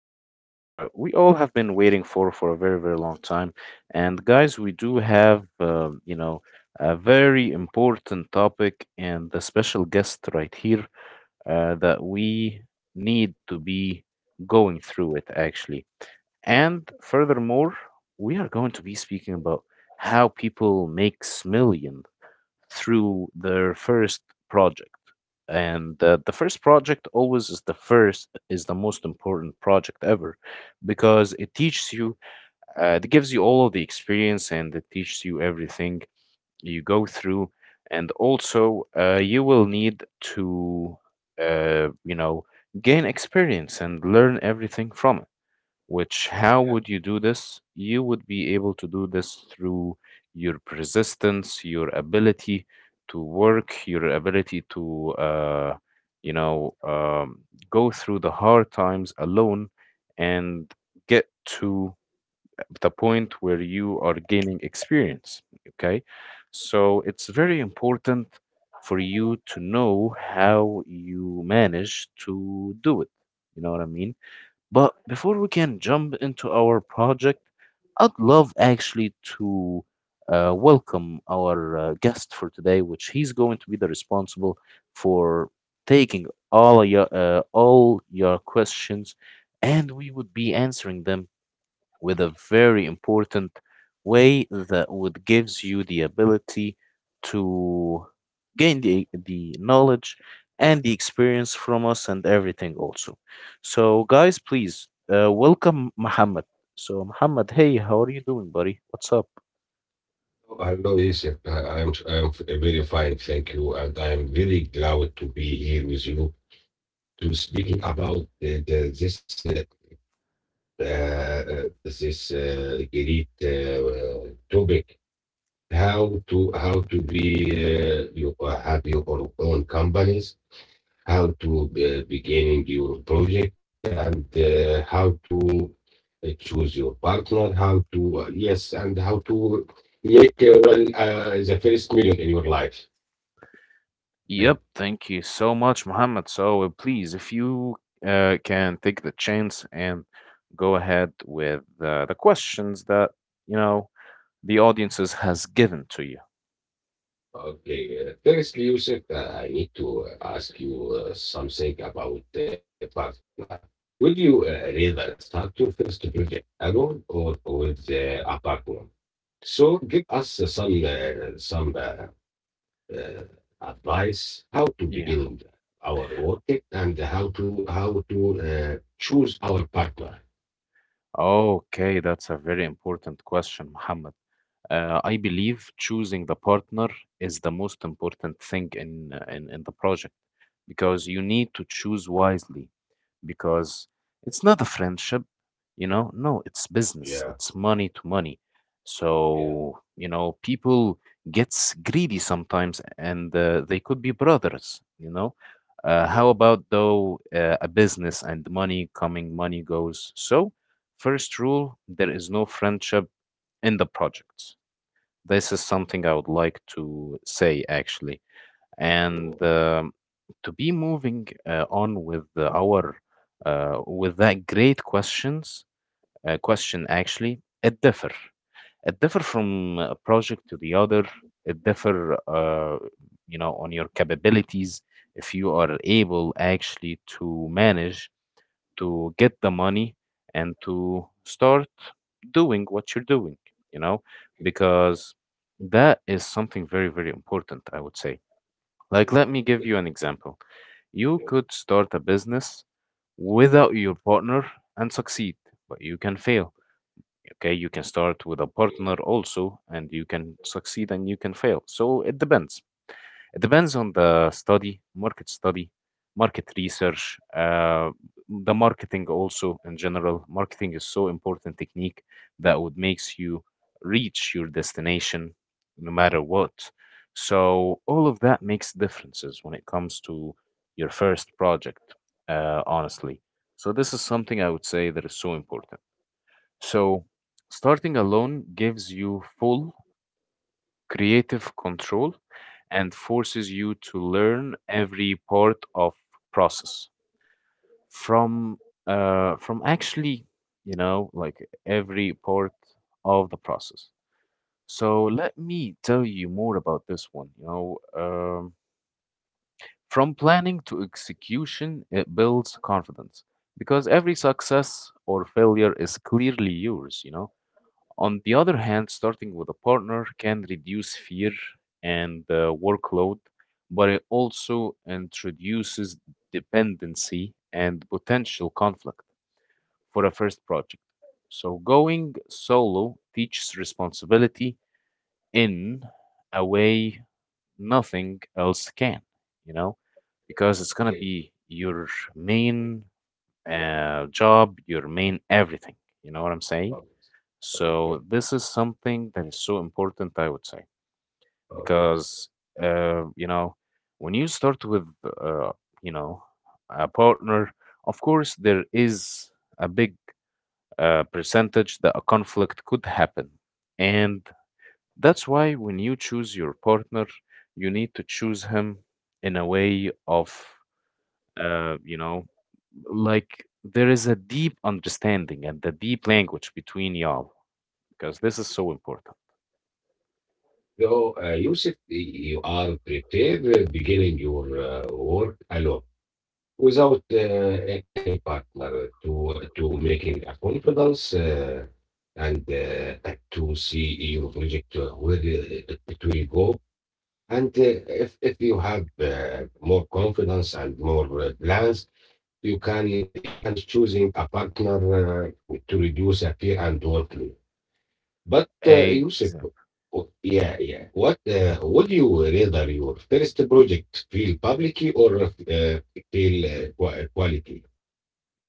which we all have been waiting for a very, very long time. And guys, we do have, a very important topic and a special guest right here that we need to be going through it actually. And furthermore, we are going to be speaking about how people make millions through their first project, and the first project always is the most important project ever, because it teaches you. It gives you all of the experience, and it teaches you everything you go through. And also, you will need to, uh, you know gain experience and learn everything from it. Which, how Yeah. would you do this? You would be able to do this through your persistence, your ability to work, your ability to, you know, um, go through the hard times alone and get to the point where you are gaining experience. Okay. So it's very important for you to know how you manage to do it. You know what I mean? But before we can jump into our project, I'd love actually to welcome our guest for today, which he's going to be the responsible for taking all of your all your questions, and we would be answering them with a very important way that would gives you the ability to gain the knowledge and the experience from us and everything also. So guys, please welcome Muhammad. So Muhammad, hey, how are you doing, buddy? What's up? Hello, Yusuf. I am very fine, thank you, and I am very glad to be here with you to speaking about the, this this great topic, how to be you have your own companies, how to begin your project, and how to choose your partner, how to, yes, and how to make the first million in your life. Yep, Okay. thank you so much, Mohammed. So please, if you can take the chance and go ahead with the questions that you know the audiences has given to you. Okay, firstly, Yusuf, I need to ask you something about the partner. Would you rather start your first project alone or with a partner? So give us some uh, advice how to Yeah. begin our work and how to choose our partner. Okay, that's a very important question, Muhammad. I believe choosing the partner is the most important thing in, in the project, because you need to choose wisely, because it's not a friendship, you know? No, it's business. Yeah, It's money to money. yeah, So, you know, people gets greedy sometimes, and they could be brothers, you know? How you about though a business and money coming, money goes? So, first rule, there is no friendship in the projects. This is something I would like to say actually, you and to be moving on with our with that great questions. Question actually it differ, it differ from a project to the other. It differ, you know, on your capabilities, if you are able actually to manage to get the money and to start doing what you're doing, you know, yeah, because that is something very, very important, I would say. Like, yeah, let me give yeah, you an example. You yeah, could start a business without your partner and succeed, but you can fail. Okay, you can start with a yeah, partner also, and you can succeed and you can fail. So it depends. It depends on the study, market research, the marketing also in general. Marketing is so important technique that would makes you reach your destination no matter what. So all of that makes differences when it comes to your first project, honestly. So this is something I would say that is so important. So starting alone gives you full creative control and forces you to learn every part of process, from from actually you know like every part of the process. So let me tell you more about this one, you know. From planning to execution, it builds confidence, because every success or failure is clearly yours, you know. On the other hand, starting with a partner can reduce fear and workload, but it also introduces dependency and potential conflict for a first project. So, going solo teaches responsibility in a way nothing else can, you know, because it's going to okay, be your main job, your main everything. You know what I'm saying? okay, So this is something that is so important, I would say, okay. because uh, you know, when you start with, you know, a partner, of course there is a big percentage that a conflict could happen. And that's why when you choose your partner, you need to choose him in a way of, uh, you know, like there is a deep understanding and a deep language between y'all, because this is so important. So, Yusuf, you are prepared beginning your work alone, without any partner, to making a confidence and to see your project where it will go, and if you have more confidence and more plans, you can choosing a partner to reduce a fear and workload, but Yusuf, Exactly. oh, yeah Mm-hmm. yeah, what would you rather your first project feel publicly or feel qua- quality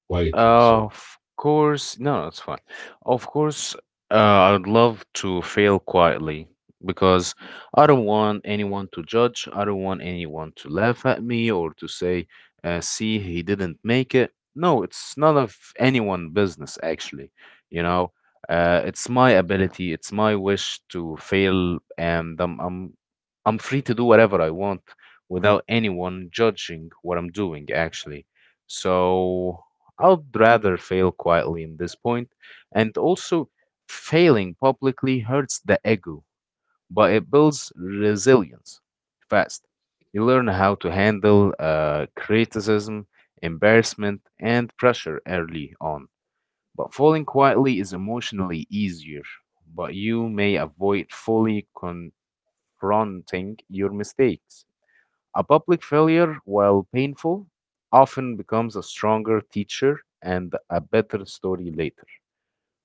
quietly. Sorry. Of course, no, no, it's fine. Of course, I would love to fail quietly, because I don't want anyone to judge. I don't want anyone to laugh at me or to say, see, he didn't make it. No, it's none of anyone business, actually. You know, it's my ability, it's my wish to fail, and I'm free to do whatever I want without anyone judging what I'm doing, actually. So I'd rather fail quietly in this point, and also failing publicly hurts the ego, but it builds resilience fast. You learn how to handle criticism, embarrassment, and pressure early on. But falling quietly is emotionally easier, but you may avoid fully confronting your mistakes. A public failure, while painful, often becomes a stronger teacher and a better story later.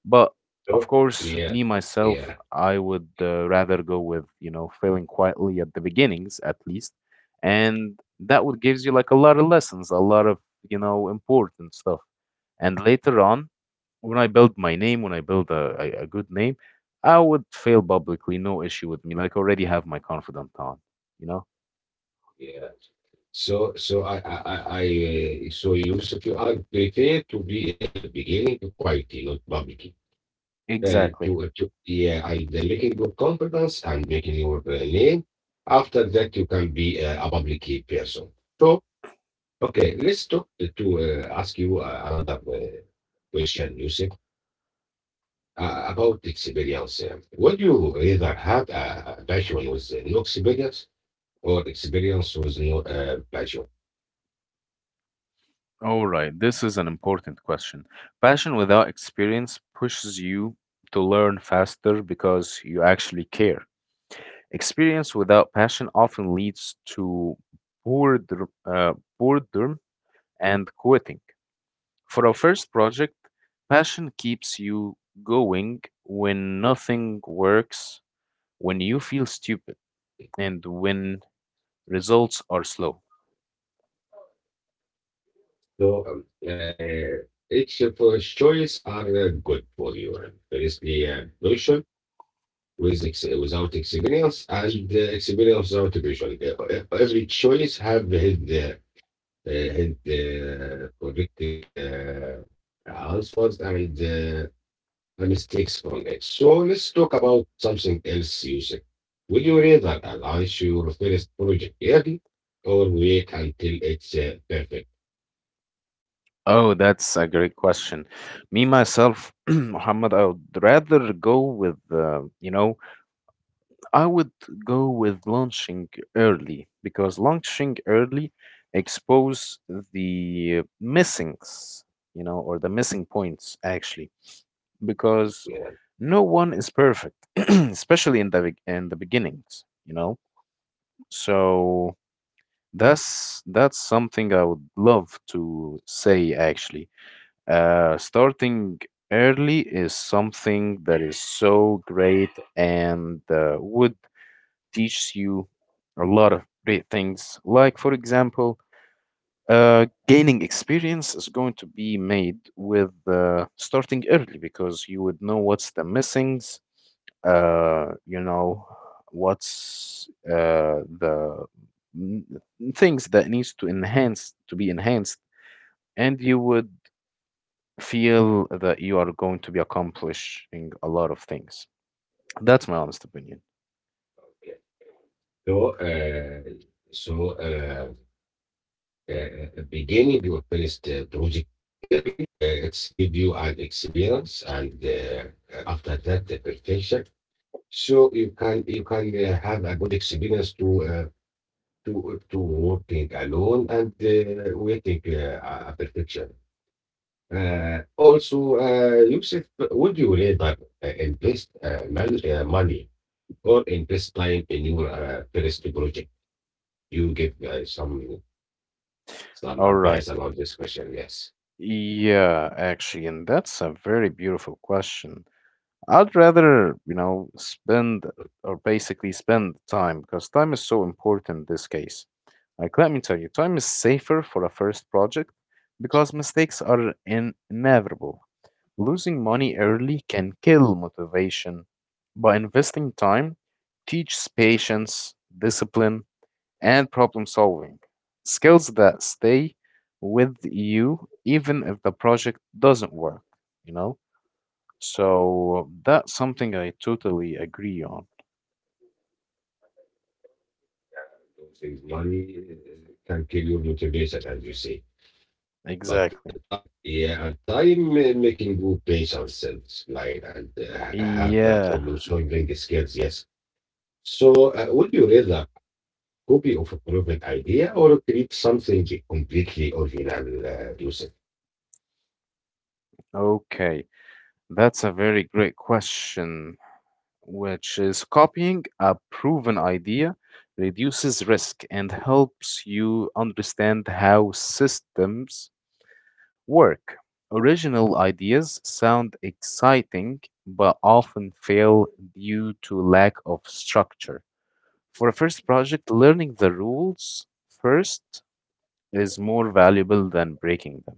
But So of sure? course, Yeah, me myself, yeah, I would rather go with, you know, failing quietly at the beginnings at least. And that would gives you like a lot of lessons, a lot of, you know, important stuff. And later on, when I build my name, when I build a good name, I would fail publicly, no issue with me. Like already have my confidant on, you know? yeah. So so Yusuf, you I prefer to be beginning quietly, not publicly. To Exactly. To yeah, and the making good confidence and making your name. After that, you can be a public person. So okay, let's talk to ask you another question, Yusuf. About experience, would you rather have a passion with no experience or experience was no pleasure. All right, this is an important question. Passion without experience pushes you to learn faster because you actually care. Experience without passion often leads to boredom, boredom and quitting. For our first project, passion keeps you going when nothing works, when you feel stupid, and when results are slow. So each of those choice are good for you. There is the notion with ex- without experience and the experience without vision. Every choice have his correct answers and the mistakes from it. So let's talk about something else, Yusuf. Would you rather launch your first project early or wait until it's perfect? Oh, that's a great question. Me myself, Muhammad, I would rather go with, you know, I would go with launching early, because launching early expose the missings, you know, or the missing points actually, Yeah, because no one is perfect, especially in the in the beginnings, you know. So that's something I would love to say actually. Starting early is something that is so great, and would teach you a lot of great things. Like, for example, gaining experience is going to be made with starting early, because you would know what's the missings, uh, you know, what's n- things that needs to enhance to be enhanced, and you would feel that you are going to be accomplishing a lot of things. That's my honest opinion. yeah. So, uh, so beginning your first project early, it's give you an experience, and after that, the perfection. So you can have a good experience to working alone and waiting a perfection. Also, Yusuf, would you rather invest money or invest time in your first project? You give some All right. advice about this question. Yes, Yeah, actually, and that's a very beautiful question. I'd rather, you know, spend, or basically spend time, because time is so important in this case. Like, let me tell you, time is safer for a first project because mistakes are inevitable. Losing money early can kill motivation. By investing time, teaches patience, discipline, and problem solving skills that stay with you even if the project doesn't work, you know? So that's something I totally agree on. losing money can kill your motivation, as you say. But the Exactly. time, yeah, and time making you pace ourselves, like and have that Yeah. problem solving skills. Yes, so, would you rather copy of a proven idea or create something completely original, Yusuf? Okay. That's a very great question. Which is copying a proven idea reduces risk and helps you understand how systems work. Original ideas sound exciting but often fail due to lack of structure. For a first project, learning the rules first is more valuable than breaking them.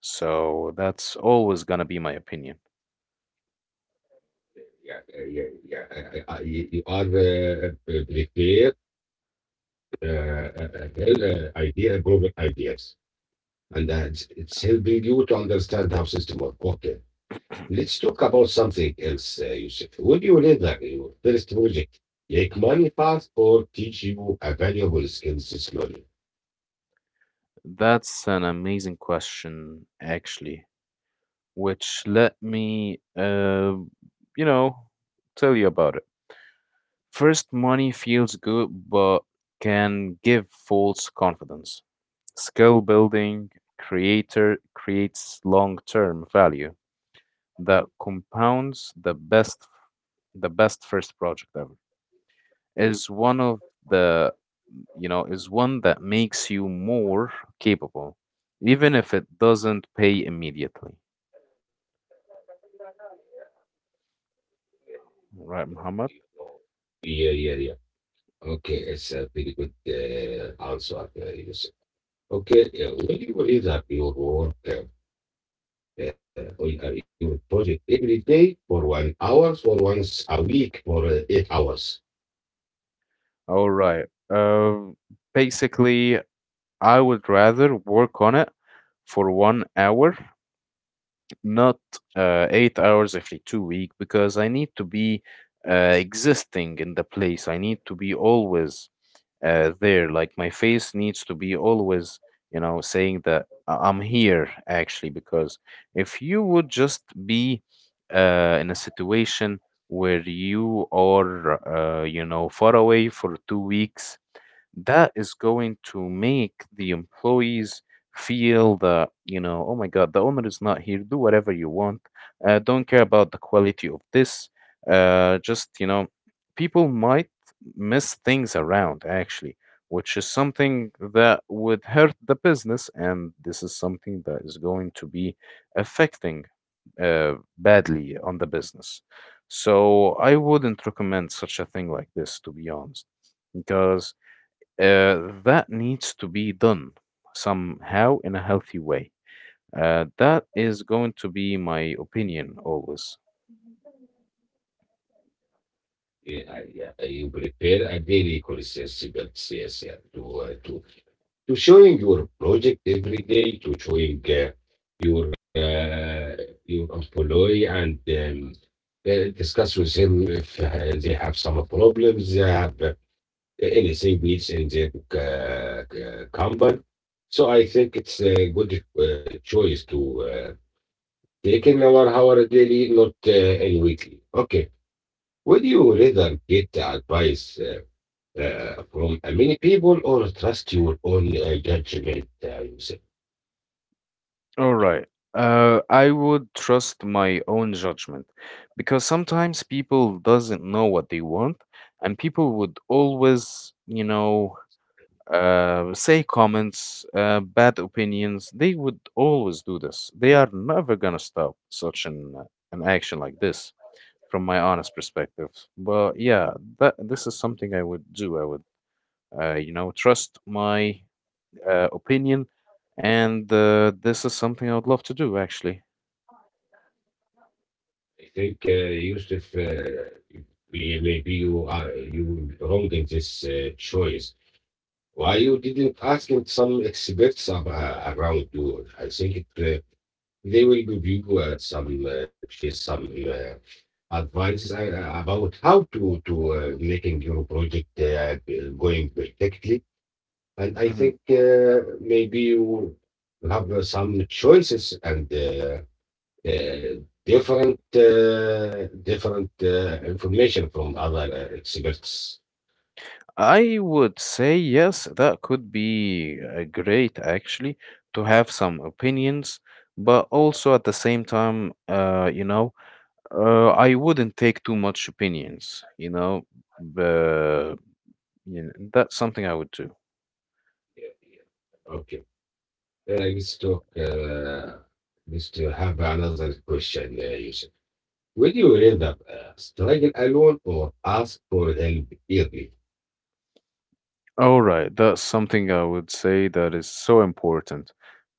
So that's always going to be my opinion. Yeah, yeah, yeah. You you are prepared idea, proven ideas, and it's helping you to understand how system work. Okay. Let's talk about something else, Yusuf. When you learn your first project, it money fast or teach you a valuable skills slowly. That's an amazing question, actually. Which let me, you know, tell you about it. First, money feels good but can give false confidence. Skill building creator creates long-term value that compounds. The best first project ever is one of the, you know, is one that makes you more capable even if it doesn't pay immediately. Right, Muhammad? Yeah, yeah, yeah. Okay, it's a very good answer, Yusuf. Okay, when you raise your work uh, your project every day for 1 hour, for once a week, for 8 hours. All right. Basically, I would rather work on it for 1 hour, not 8 hours every 2 week, because I need to be existing in the place. I need to be always there. Like my face needs to be always, you know, saying that I'm here actually. Because if you would just be in a situation where you are, far away for 2 weeks, that is going to make the employees feel that, you know, oh my God, the owner is not here. Do whatever you want. Don't care about the quality of this. Just, you know, people might miss things around actually, which is something that would hurt the business. And this is something that is going to be affecting badly on the business. So I wouldn't recommend such a thing like this, to be honest, because that needs to be done somehow in a healthy way. That is going to be my opinion always. Yeah, yeah, you prepare a daily crucible, yes, yeah, to showing your project every day, to showing your uh, your employee and discuss with him if they have some problems, they have anything needs in their company. So I think it's a good choice to taking our hour daily, not in weekly. Okay. Would you rather get advice from many people or trust your own judgment, Yusuf? All right. I would trust my own judgment because sometimes people doesn't know what they want, and people would always, say comments, bad opinions. They would always do this. They are never gonna stop such an action like this from my honest perspective. But yeah, that this is something I would do. I would, you know, trust my opinion, and this is something I would love to do actually. I think, Yusuf, we- maybe you are you wrong in this choice. Why you didn't ask some experts around you? I think it, they will give you some advice about how to making your project going perfectly. And I Hmm. think maybe you have some choices and different information from other experts. I would say yes, that could be great actually to have some opinions, but Yeah, also at the same time, I wouldn't take too much opinions, you know, but, yeah, you know, that's something I would do. yeah. Okay. Let's talk. Let's to have another question, Yusuf. When you end up struggling alone or ask for help early, All right, that's something I would say that is so important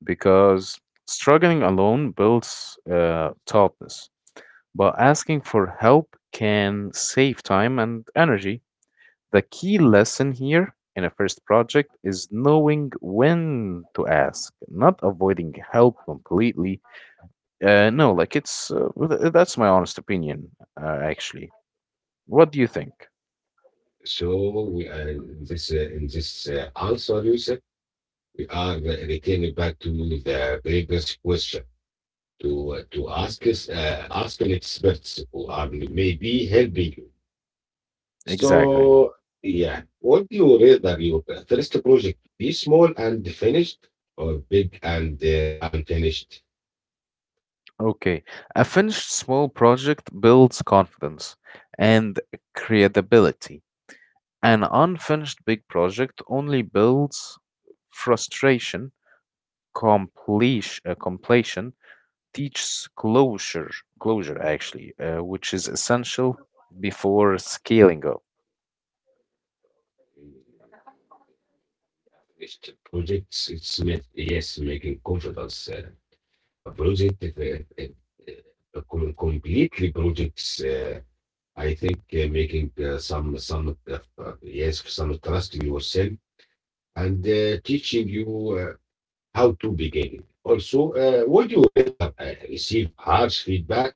because struggling alone builds toughness, but asking for help can save time and energy. The key lesson here in a first project is knowing when to ask, not avoiding help completely. No, like that's my honest opinion, actually. What do you think? so we are in this answer, Yusuf, we are re- returning back to the previous question to ask an experts who are maybe helping you. Exactly. So yeah, what do you rather your first project be small and finished or big and unfinished? Okay, a finished small project builds confidence and credibility. An unfinished big project only builds frustration. Completion teaches closure, closure actually, which is essential before scaling up. Finished projects, it's ma- yes, making confidence. A project, if com- completely projects. I think making some yes some trust in yourself and teaching you uh, how to begin it. Also, would you rather receive harsh feedback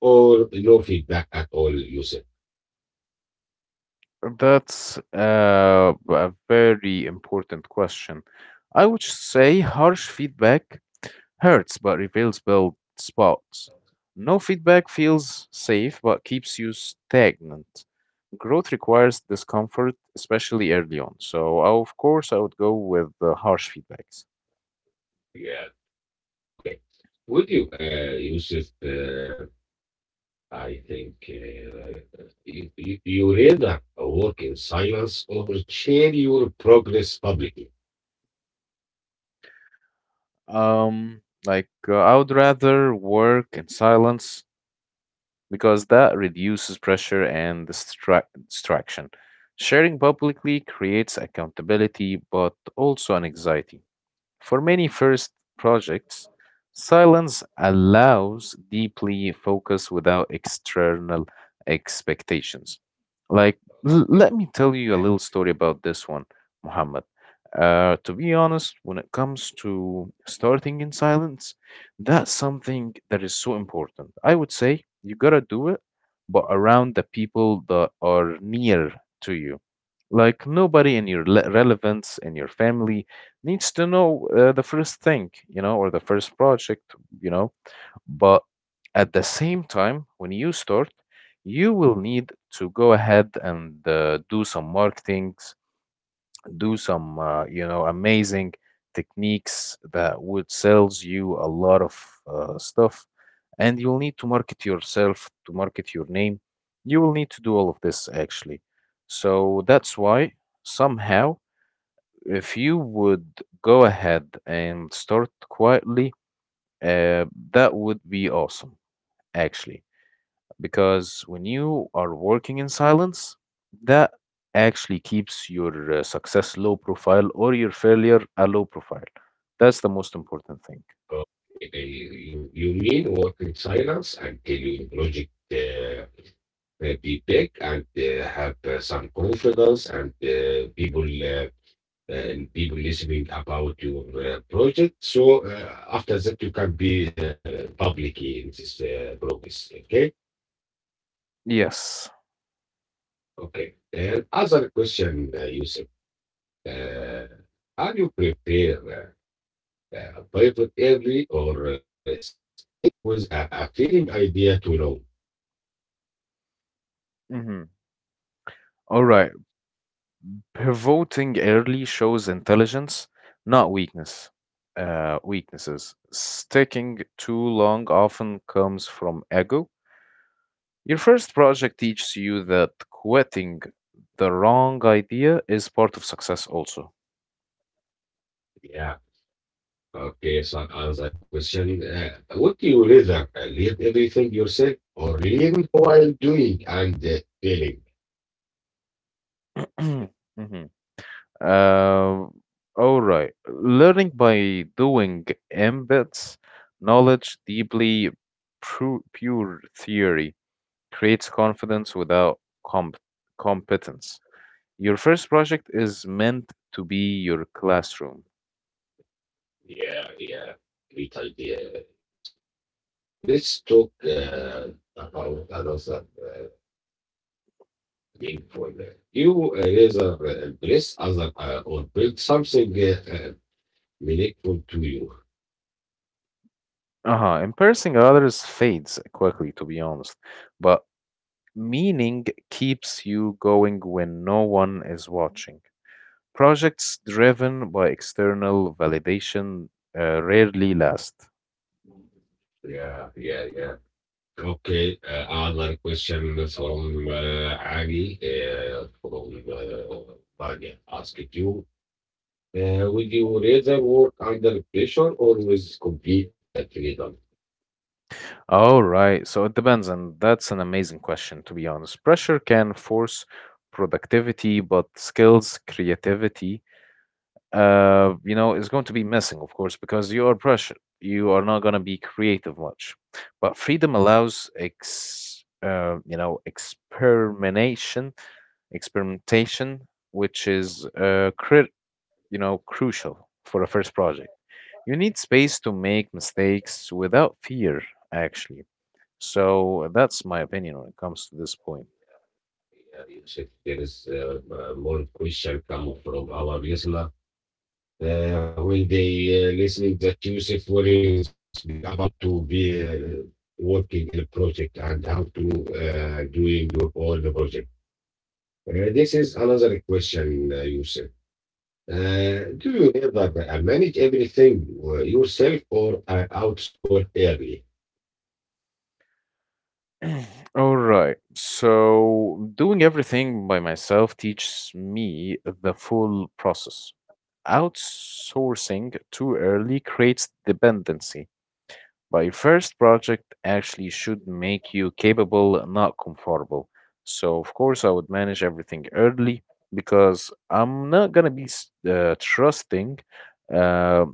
or no feedback at all, Yusuf? That's a very important question. I would say harsh feedback hurts but reveals bald spots. No feedback feels safe but keeps you stagnant. Growth requires discomfort, especially early on. So, of course, I would go with the harsh feedbacks. Yeah. Okay. Would you, Yusuf? I think you rather work in silence or share your progress publicly. Like I would rather work in silence because that reduces pressure and distraction. Sharing publicly creates accountability, but also an anxiety. For many first projects, silence allows deeply focus without external expectations. Like, let me tell you a little story about this one, Muhammad. To be honest, when it comes to starting in silence, that's something that is so important. I would say you gotta do it, but around the people that are near to you. Like nobody in your relevance, in your family, needs to know the first thing, you know, or the first project, you know. But at the same time, when you start, you will need to go ahead and do some marketings, do some, amazing techniques that would sells you a lot of stuff. And you'll need to market yourself, to market your name. You will need to do all of this actually. So that's why somehow if you would go ahead and start quietly, uh, that would be awesome, actually. Because when you are working in silence, that actually keeps your success low profile or your failure a low profile. That's the most important thing. Uh, You, you mean work in silence until your project be big and have some confidence and uh, people listening about your project. So after that, you can be public in this progress. Okay, Yes. okay. And other question, Yusuf. Uh, how do you prepare a pivot early or stick with a feeling idea too long? Mm-hmm. All right. Pivoting early shows intelligence, not weakness. Weaknesses. Sticking too long often comes from ego. Your first project teaches you that quitting the wrong idea is part of success also. Yeah. Okay, so I like, question, what do you rather read everything yourself or reading while doing and feeling? Hmm. Uh, all right. Learning by doing embeds knowledge deeply. Pure theory creates confidence without comp- competence. Your first project is meant to be your classroom. Yeah, yeah, great idea. Let's talk about another mean for that. You either impress other or build something meaningful to you. Uh huh. Embarrassing others fades quickly, to be honest. But meaning keeps you going when no one is watching. Projects driven by external validation rarely last. Yeah, yeah, yeah. Okay, another question from Ali from Banya asked you. Would you rather work under pressure or with complete freedom? All right, so it depends, and that's an amazing question, to be honest. Pressure can force productivity, but skills, creativity, is going to be missing, of course, because you are pressured. You are not going to be creative much. But freedom allows experimentation experimentation, which is crucial for a first project. You need space to make mistakes without fear, actually. So that's my opinion when it comes to this point. Yeah, if there is more question come from our listener, when they listening that Yusuf were speaking about to be working in a project and how to doing all the project. This is another question, Yusuf. Do you ever manage everything yourself or outsource early? All right. So doing everything by myself teaches me the full process. Outsourcing too early creates dependency. But your first project actually should make you capable, not comfortable. So, of course, I would manage everything early because I'm not going to be trusting uh,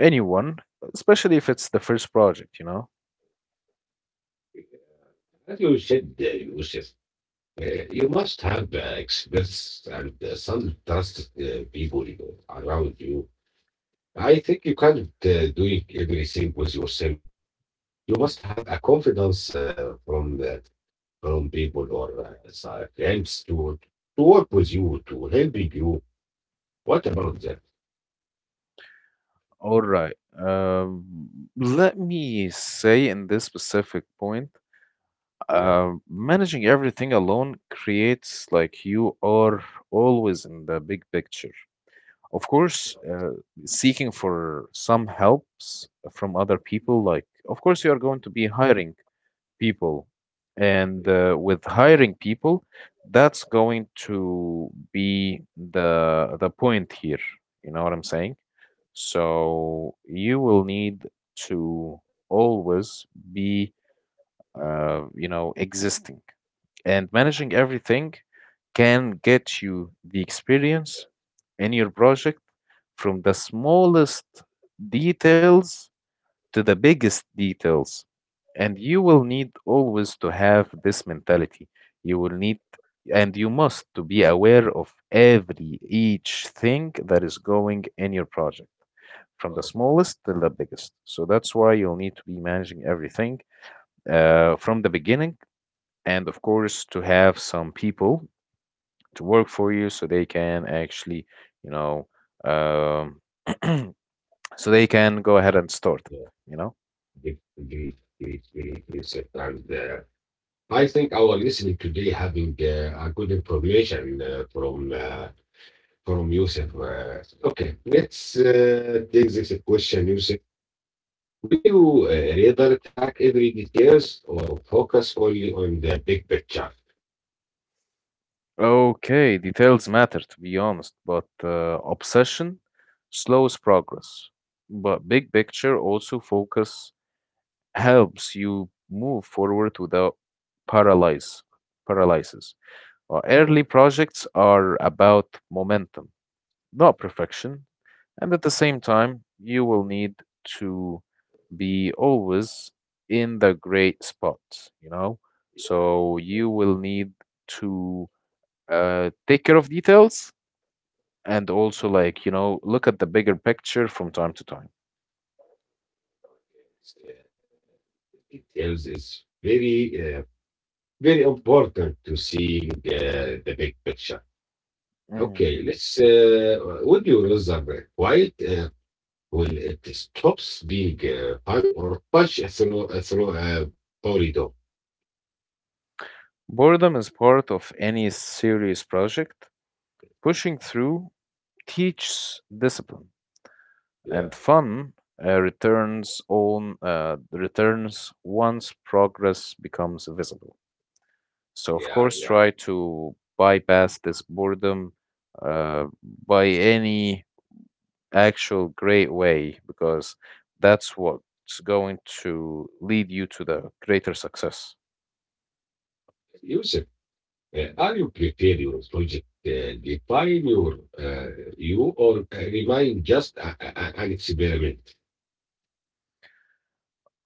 anyone, especially if it's the first project, you know? As you said, Yusuf, uh, you must have experts and some trusted people around you. I think you can't do everything with yourself. You must have a confidence from from people or friends to work with you to helping you. What about that? All right. Let me say in this specific point, Yeah. Managing everything alone creates like you are always in the big picture. Of course, seeking for some helps from other people, like, of course, you are going to be hiring people. And with hiring people, that's going to be the point here. You know what I'm saying? So you will need to always be, existing, and managing everything can get you the experience in your project from the smallest details to the biggest details. And you will need always to have this mentality. You will need and you must to be aware of every each thing that is going in your project from the Uh, smallest till the biggest. So that's why you'll need to be managing everything uh, from the beginning, and of course to have some people to work for you so they can actually, you know um, so they can go ahead and store them, Yeah, you know? big, big, big, big, big sometimes there. I think our listening today having a good information from Yusuf. Okay, let's take this question, Yusuf. Would you rather track every details or focus only on the big picture? Okay, details matter to be honest, but obsession slows progress. But big picture also focus helps you move forward without paralyze paralysis. Know, Early projects are about momentum, not perfection. And at the same time, you will need to be always in the great spot, you know? yeah, So you yeah, will need to take care of details and also, like, you know, look at the bigger picture from time to time. it's, details is very, very important to seeing the big picture. Mm. Okay, let's. Would you rather be quiet when it stops being fun or punch through a corridor? Boredom is part of any serious project. Pushing through teaches discipline, Yeah, and fun returns once progress becomes visible. So of yeah, course, yeah. try to bypass this boredom uh, by any actual great way because that's what's going to lead you to the greater success. Yusuf, are you prepared your project? Define your you or remain just an experiment?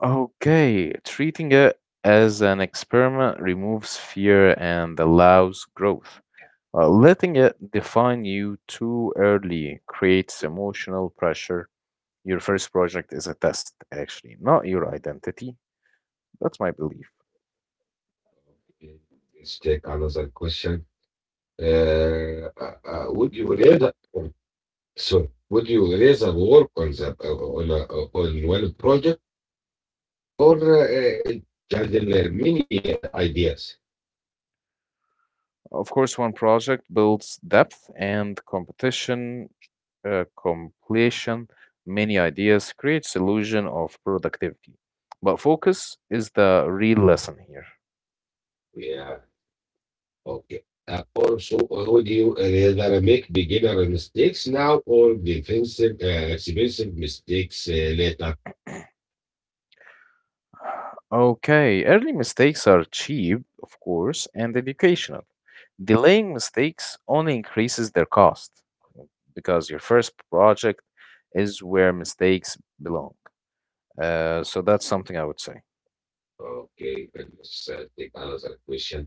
Okay, treating it as an experiment removes fear and allows growth. Letting it define you too early creates emotional pressure. Your first project is a test, actually, not your identity. That's my belief. Let's take another question. Uh, would you rather, so would you rather work on the on one project or just many ideas? Of course, one project builds depth and competition, completion. Many ideas creates illusion of productivity. But focus is the real lesson here. Yeah, okay. Also, would you rather make beginner mistakes now or expensive mistakes later? Okay, early mistakes are cheap, of course, and educational. Delaying mistakes only increases their cost because your first project is where mistakes belong. So that's something I would say. Okay, and let's take another question.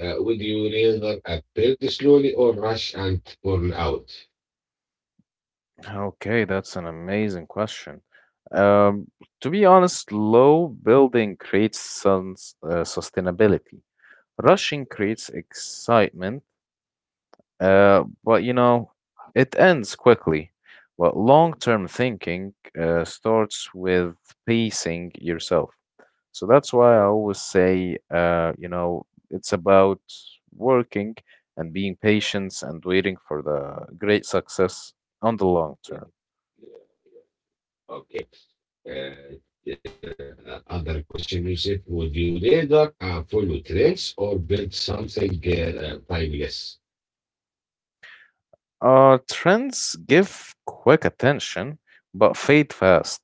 Would you rather build slowly or rush and burn out? Okay, that's an amazing question. Um, to be honest, low building creates some sustainability. Rushing creates excitement. Yeah. Yeah. But you know, it ends quickly. But long term thinking starts with pacing yourself. So that's why I Okay, always say, you know, it's about working and being patient and waiting for the great success on the long term. yeah, okay. Uh, the other question you said, would you rather follow trends or build something timeless? Trends give quick attention, but fade fast,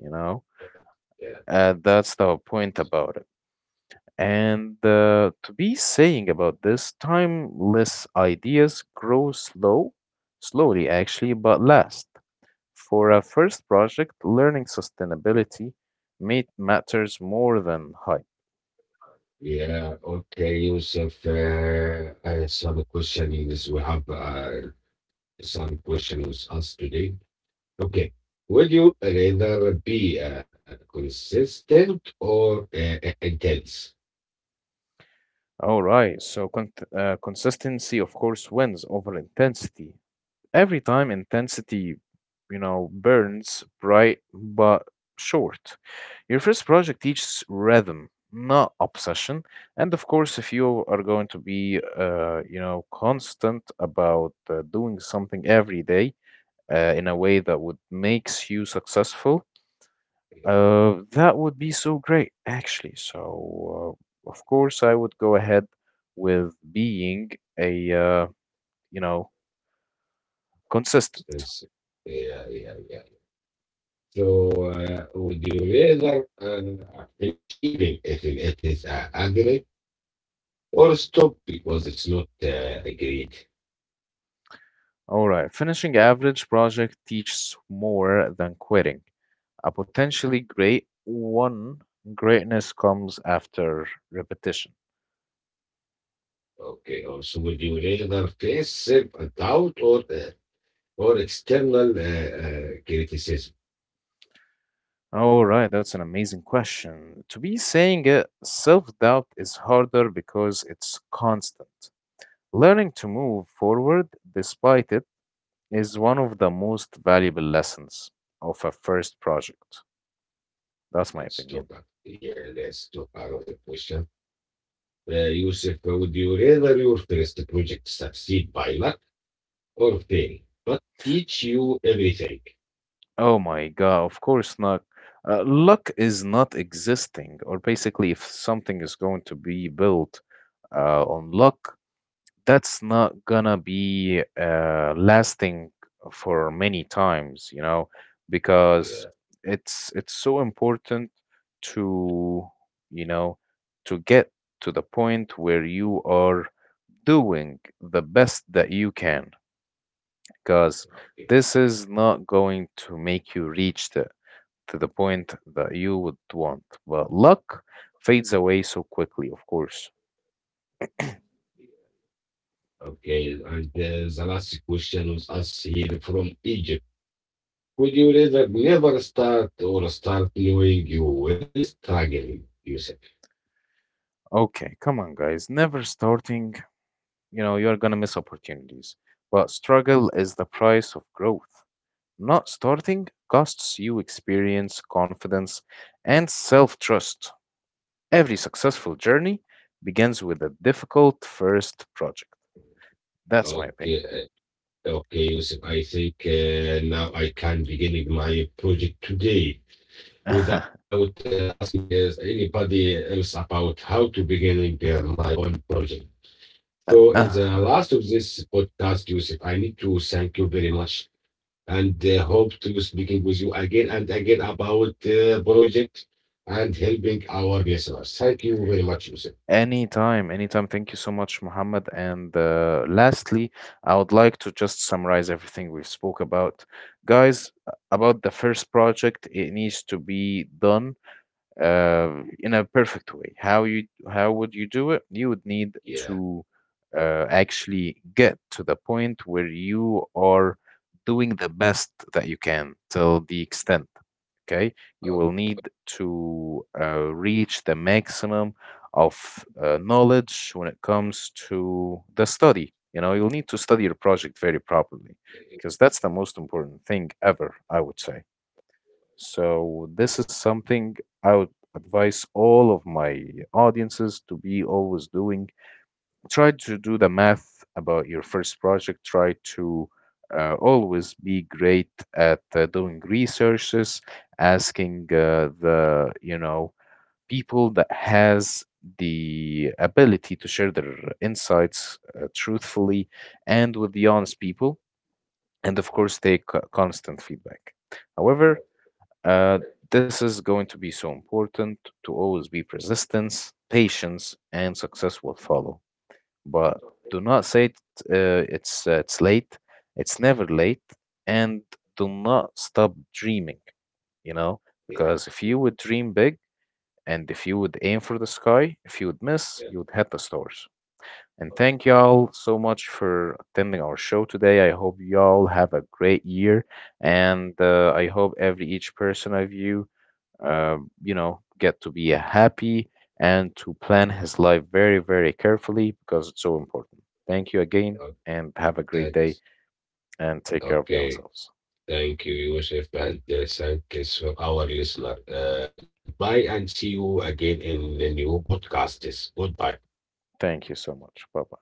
you know? Yeah, yeah, That's the point about it. And to be saying about this, timeless ideas grow slow, slowly actually, but last. For a first project, learning sustainability matters more than hype. yeah. Okay, Yusuf. Some questionings we have some questions asked today. Okay, would you rather be consistent or intense? All right, so consistency, of course, wins over intensity. Every time intensity, you know, burns bright but short. Your first project teaches rhythm, not obsession. And of course, if you are going to be, constant about doing something every day in a way that would makes you successful, Yeah, that would be so great, actually. So, of course, I would go ahead with being a, uh, you know, consistent. consistent. Yeah, yeah, yeah. So with the razor, finish even if it is agreed or stop because it's not agreed. All right. Finishing average project teaches more than quitting a potentially great one. Greatness comes after repetition. Okay, also with the razor face self doubt or or external criticism. All right, that's an amazing question. To be saying it, self doubt is harder because it's constant. Learning to move forward despite it is one of the most valuable lessons of a first project. That's my It's too opinion. bad. Yeah, let's talk about the question. Yusuf, would you rather your first project succeed by luck or fail, but teach you everything? Oh my God, of course not. Luck is not existing, or basically, if something is going to be built on luck, that's not gonna be lasting for many times, you know, because Yeah, it's so important to, you know, to get to the point where you are doing the best that you can, because okay. this is not going to make you reach the to the point that you would want. But luck fades away so quickly, of course. Okay, and the last question was asked here from Egypt. Would you rather never start or start knowing you will struggle, Yusuf? Okay, come on, guys. Never starting, you know, you're gonna miss opportunities. But struggle is the price of growth. Not starting costs you experience, confidence, and self trust. Every successful journey begins with a difficult first project. That's my Okay, opinion. Okay, Yusuf. I think now I can begin my project today without asking anybody else about how to begin my own project. So, in the last of this podcast, Yusuf, I need to thank you very much and hope to speaking with you again and again about project and helping our listeners. Thank you very much, Yusuf. Anytime, anytime. Thank you so much, Mohammed. And lastly, I would like to just summarize everything we spoke about. Guys, about the first project, it needs to be done in a perfect way. How would you do it? You would need Yeah. to actually get to the point where you are doing the best that you can till the extent. Okay, you Okay. will need to reach the maximum of knowledge when it comes to the study. You know, you'll need to study your project very properly because that's the most important thing ever, I would say. So this is something I would advise all of my audiences to be always doing. Try to do the math about your first project. Try to always be great at doing researches, asking the you know people that has the ability to share their insights truthfully and with the honest people, and of course take constant feedback. However, uh, this is going to be so important to always be persistence, patience, and success will follow. But do not say it, it's late. It's never late, and do not stop dreaming. You know, Yeah. because if you would dream big and if you would aim for the sky, if you would miss, Yeah. you would hit the stars. And thank y'all so much for attending our show today. I hope y'all have a great year, and I hope every each person of you you know, get to be happy and to plan his life very, very carefully because it's so important. Thank you again Okay. and have a great day Thanks. and take care of Okay. yourselves. Thank you, Yusuf, and thank you to our listener. Goodbye, and see you again in the new podcasts. Goodbye. Thank you so much. Bye bye.